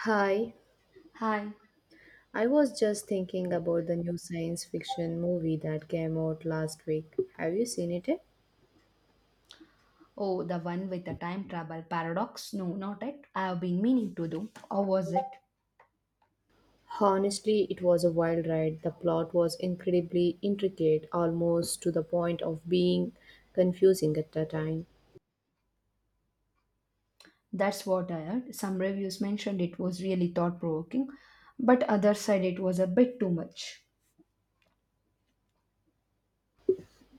Hi, Hi. I was just thinking about the new science fiction movie that came out last week. Have you seen it yet? Oh, the one with the time travel paradox? No, not it. I have been meaning to do. Or was it? Honestly, it was a wild ride. The plot was incredibly intricate, almost to the point of being confusing at the time. That's what I heard. Some reviews mentioned it was really thought provoking, but others said it was a bit too much.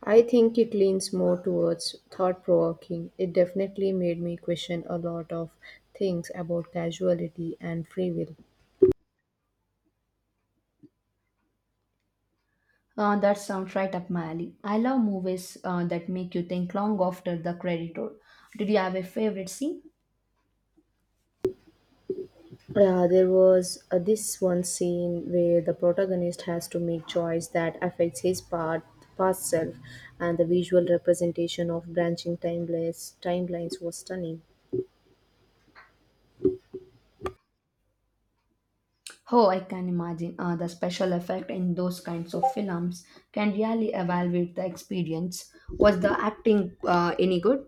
I think it leans more towards thought provoking. It definitely made me question a lot of things about casuality and free will. That sounds right up my alley. I love movies that make you think long after the credit roll. Did you have a favorite scene? Yeah, there was this one scene where the protagonist has to make choice that affects his part, past self, and the visual representation of branching timeless timelines was stunning. Oh, I can imagine. The special effect in those kinds of films can really evaluate the experience. Was the acting any good?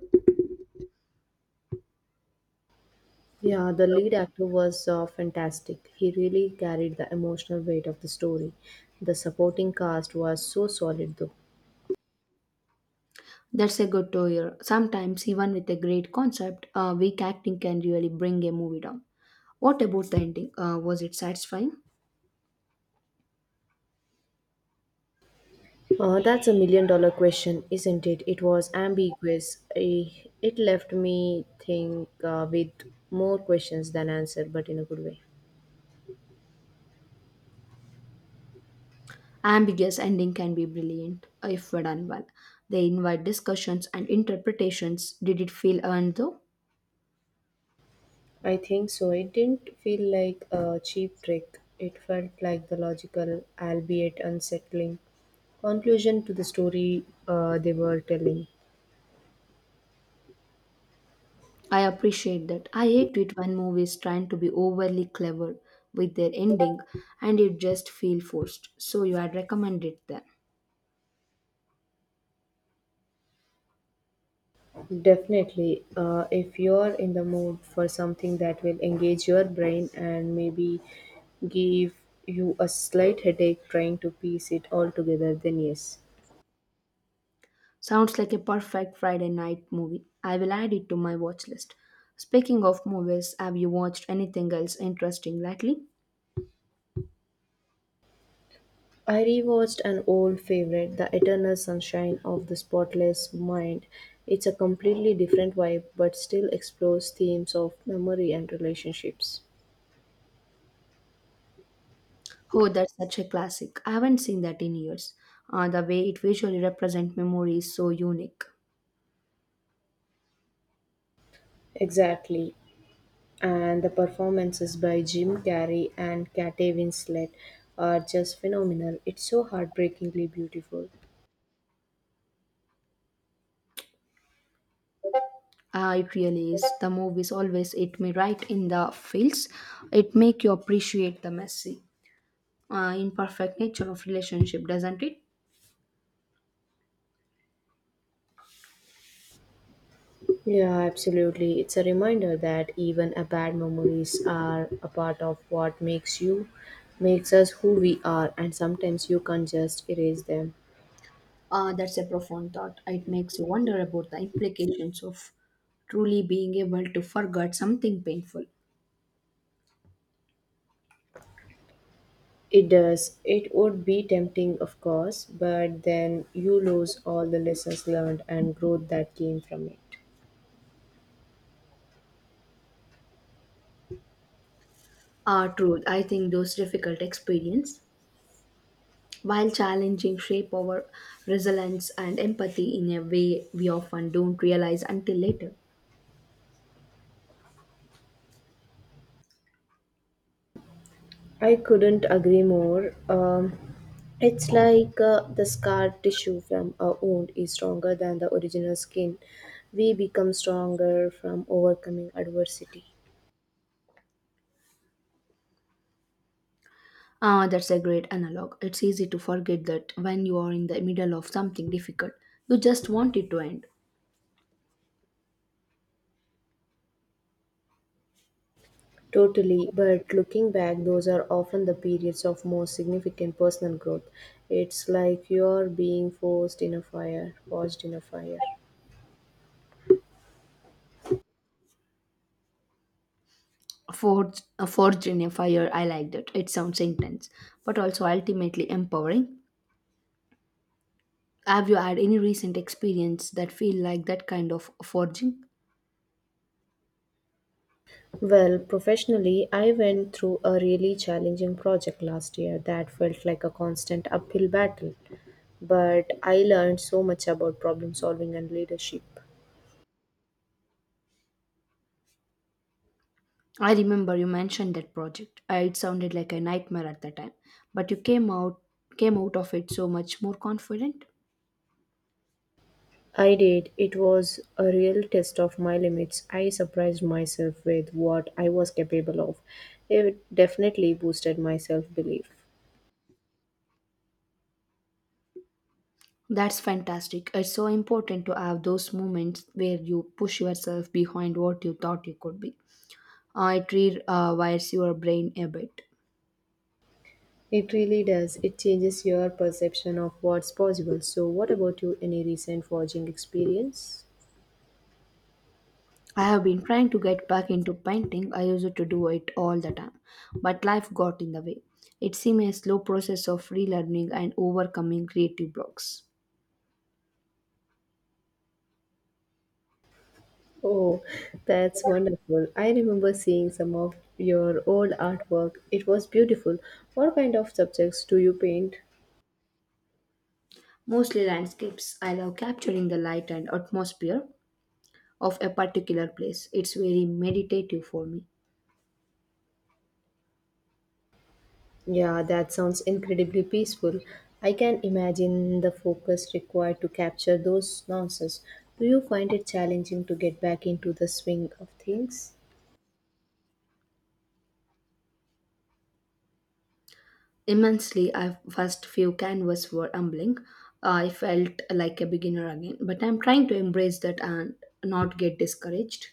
Yeah, the lead actor was fantastic. He really carried the emotional weight of the story. The supporting cast was so solid, though. That's a good to hear. Sometimes, even with a great concept, weak acting can really bring a movie down. What about the ending? Was it satisfying? That's a million dollar question, isn't it? It was ambiguous. It left me think with more questions than answer, but in a good way. Ambiguous ending can be brilliant if done well. They invite discussions and interpretations. Did it feel earned though? I think so. It didn't feel like a cheap trick. It felt like the logical, albeit unsettling, conclusion to the story they were telling. I appreciate that. I hate it when movies trying to be overly clever with their ending and it just feel forced. So you had recommended them. Definitely. If you're in the mood for something that will engage your brain and maybe give you a slight headache trying to piece it all together, then yes. Sounds like a perfect Friday night movie. I will add it to my watch list. Speaking of movies, have you watched anything else interesting lately? I rewatched an old favorite, The Eternal Sunshine of the Spotless Mind. It's a completely different vibe, but still explores themes of memory and relationships. Oh, that's such a classic. I haven't seen that in years. The way it visually represents memory is so unique. Exactly. And the performances by Jim Carrey and Kate Winslet are just phenomenal. It's so heartbreakingly beautiful. It really is. The movies always hit me right in the feels. It make you appreciate the messy, imperfect nature of relationship, doesn't it? Yeah, absolutely. It's a reminder that even a bad memories are a part of what makes us who we are and sometimes you can't just erase them. That's a profound thought. It makes you wonder about the implications of truly being able to forget something painful. It does. It would be tempting, of course, but then you lose all the lessons learned and growth that came from it. Ah, truth. I think those difficult experience, while challenging, shape our resilience and empathy in a way we often don't realize until later. I couldn't agree more. It's like the scar tissue from a wound is stronger than the original skin. We become stronger from overcoming adversity. Ah, that's a great analog. It's easy to forget that when you are in the middle of something difficult, you just want it to end. Totally, but looking back, those are often the periods of most significant personal growth. It's like you're being forced in a fire, forged in a fire. Forge, a forge in a fire. I like that. It sounds intense, but also ultimately empowering. Have you had any recent experience that feel like that kind of forging? Well, professionally, I went through a really challenging project last year that felt like a constant uphill battle. But I learned so much about problem solving and leadership. I remember you mentioned that project. It sounded like a nightmare at the time, but you came out of it so much more confident. I did. It was a real test of my limits. I surprised myself with what I was capable of. It definitely boosted my self belief. That's fantastic. It's so important to have those moments where you push yourself behind what you thought you could be. It rewires your brain a bit. It really does. It changes your perception of what's possible. So, what about you? Any recent forging experience? I have been trying to get back into painting. I used to do it all the time, but life got in the way. It seemed a slow process of relearning and overcoming creative blocks. Oh, that's wonderful. I remember seeing some of your old artwork. It was beautiful. What kind of subjects do you paint? Mostly landscapes. I love capturing the light and atmosphere of a particular place. It's very meditative for me. Yeah, that sounds incredibly peaceful. I can imagine the focus required to capture those nuances. Do you find it challenging to get back into the swing of things? Immensely, I first few canvas were humbling. I felt like a beginner again, but I'm trying to embrace that and not get discouraged.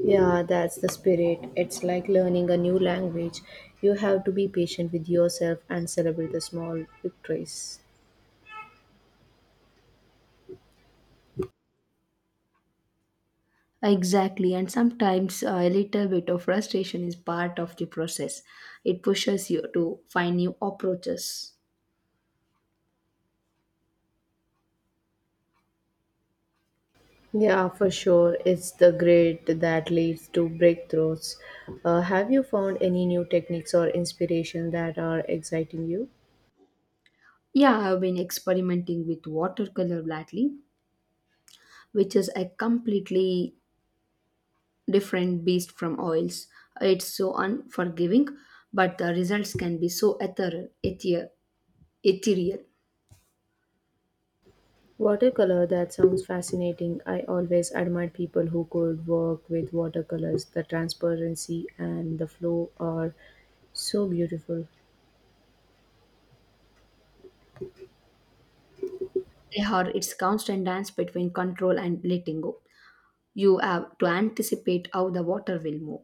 Yeah, that's the spirit. It's like learning a new language. You have to be patient with yourself and celebrate the small victories. Exactly, and sometimes a little bit of frustration is part of the process. It pushes you to find new approaches. Yeah, for sure. It's the grit that leads to breakthroughs. Have you found any new techniques or inspiration that are exciting you? Yeah, I've been experimenting with watercolor lately, which is a completely different beast from oils. It's so unforgiving, but the results can be so ethereal. Ethereal. Watercolor, that sounds fascinating. I always admired people who could work with watercolors. The transparency and the flow are so beautiful. They are its constant dance between control and letting go. You have to anticipate how the water will move.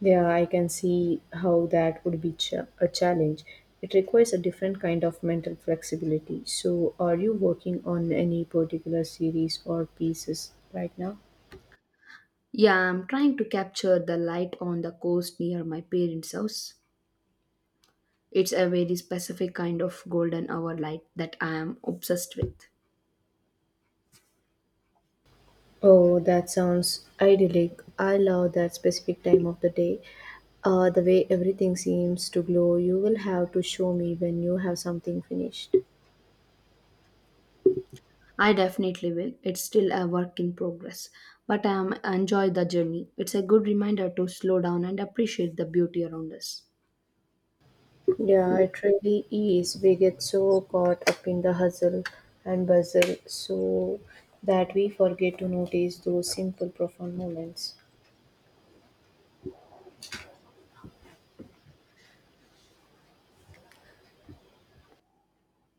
Yeah, I can see how that would be a challenge. It requires a different kind of mental flexibility. So, are you working on any particular series or pieces right now? Yeah, I'm trying to capture the light on the coast near my parents' house. It's a very specific kind of golden hour light that I am obsessed with. Oh, that sounds idyllic. I love that specific time of the day. The way everything seems to glow. You will have to show me when you have something finished. I definitely will. It's still a work in progress, but I am enjoy the journey. It's a good reminder to slow down and appreciate the beauty around us. Yeah, it really is. We get so caught up in the hustle and bustle so that we forget to notice those simple, profound moments.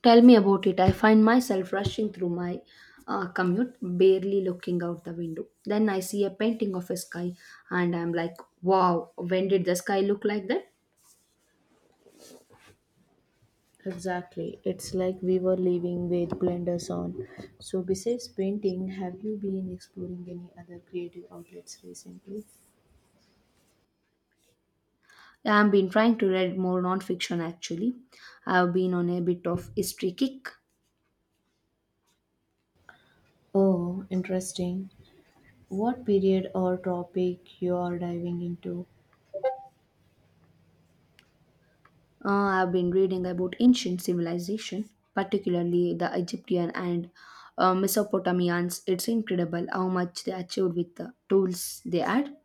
Tell me about it. I find myself rushing through my commute, barely looking out the window. Then I see a painting of a sky, and I'm like, wow, when did the sky look like that? Exactly. It's like we were living with blenders on. So, besides painting, have you been exploring any other creative outlets recently? Yeah, I've been trying to read more nonfiction actually. I've been on a bit of history kick. Oh, interesting. What period or topic you are diving into? Uh, I've been reading about ancient civilization, particularly the Egyptian and Mesopotamians. It's incredible how much they achieved with the tools they had.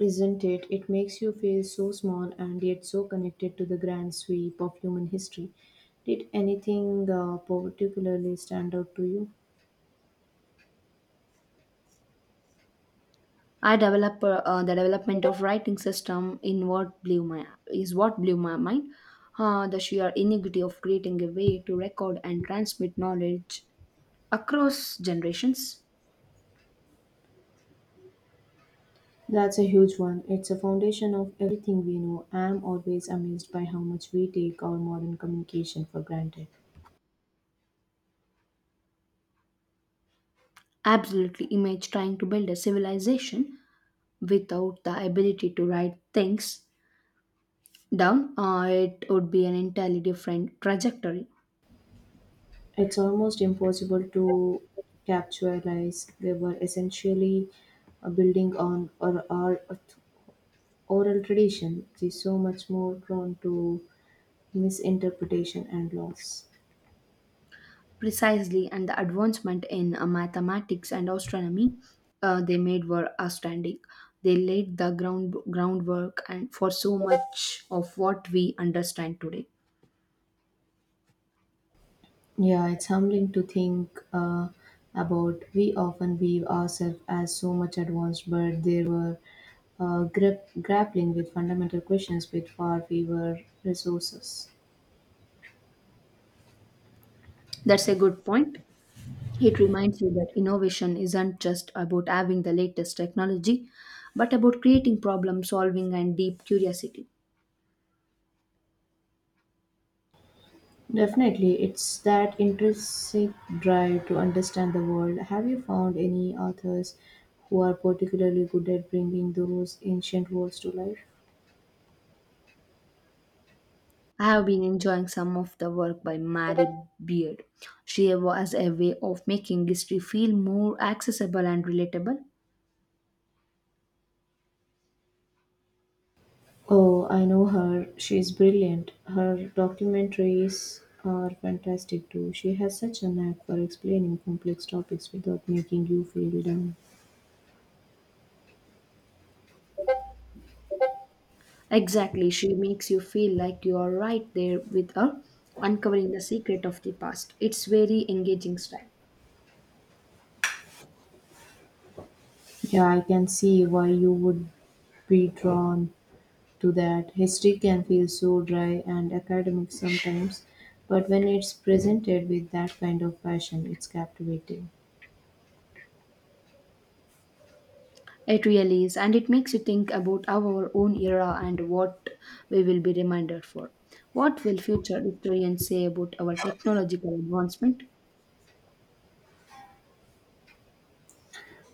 Isn't it? It makes you feel so small and yet so connected to the grand sweep of human history. Did anything particularly stand out to you? I develop the development of writing system in what blew my is what blew my mind. The sheer iniquity of creating a way to record and transmit knowledge across generations. That's a huge one. It's a foundation of everything we know. I'm always amazed by how much we take our modern communication for granted. Absolutely, image trying to build a civilization without the ability to write things down, it would be an entirely different trajectory. It's almost impossible to capitalize. They were essentially building on our oral tradition, which is so much more prone to misinterpretation and loss. Precisely, and the advancement in mathematics and astronomy they made were outstanding. They laid the groundwork and for so much of what we understand today. Yeah, it's humbling to think about. We often view ourselves as so much advanced, but they were grappling with fundamental questions with far fewer resources. That's a good point. It reminds you that innovation isn't just about having the latest technology, but about creating problem solving and deep curiosity. Definitely, it's that intrinsic drive to understand the world. Have you found any authors who are particularly good at bringing those ancient words to life? I have been enjoying some of the work by Mary Beard. She has a way of making history feel more accessible and relatable. Oh, I know her. She's brilliant. Her documentaries are fantastic too. She has such a knack for explaining complex topics without making you feel down. Exactly, she makes you feel like you are right there with her, uncovering the secret of the past. It's very engaging style. Yeah, I can see why you would be drawn to that. History can feel so dry and academic sometimes, but when it's presented with that kind of passion, it's captivating. It really is, and it makes you think about our own era and what we will be reminded for. What will future historians say about our technological advancement?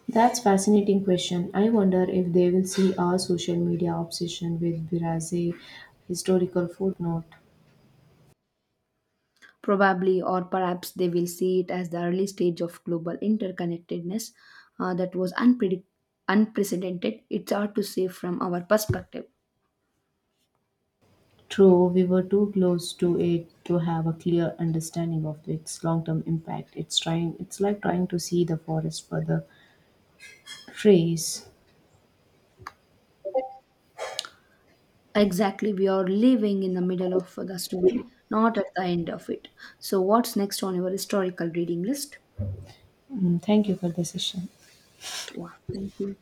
That's fascinating question. I wonder if they will see our social media obsession with Biraze historical footnote. Probably, or perhaps they will see it as the early stage of global interconnectedness that was unprecedented. It's hard to say from our perspective. True, we were too close to it to have a clear understanding of its long-term impact. It's like trying to see the forest for the trees. Exactly, we are living in the middle of the story, not at the end of it. So, what's next on your historical reading list? Mm, thank you for the session. Wow, thank you.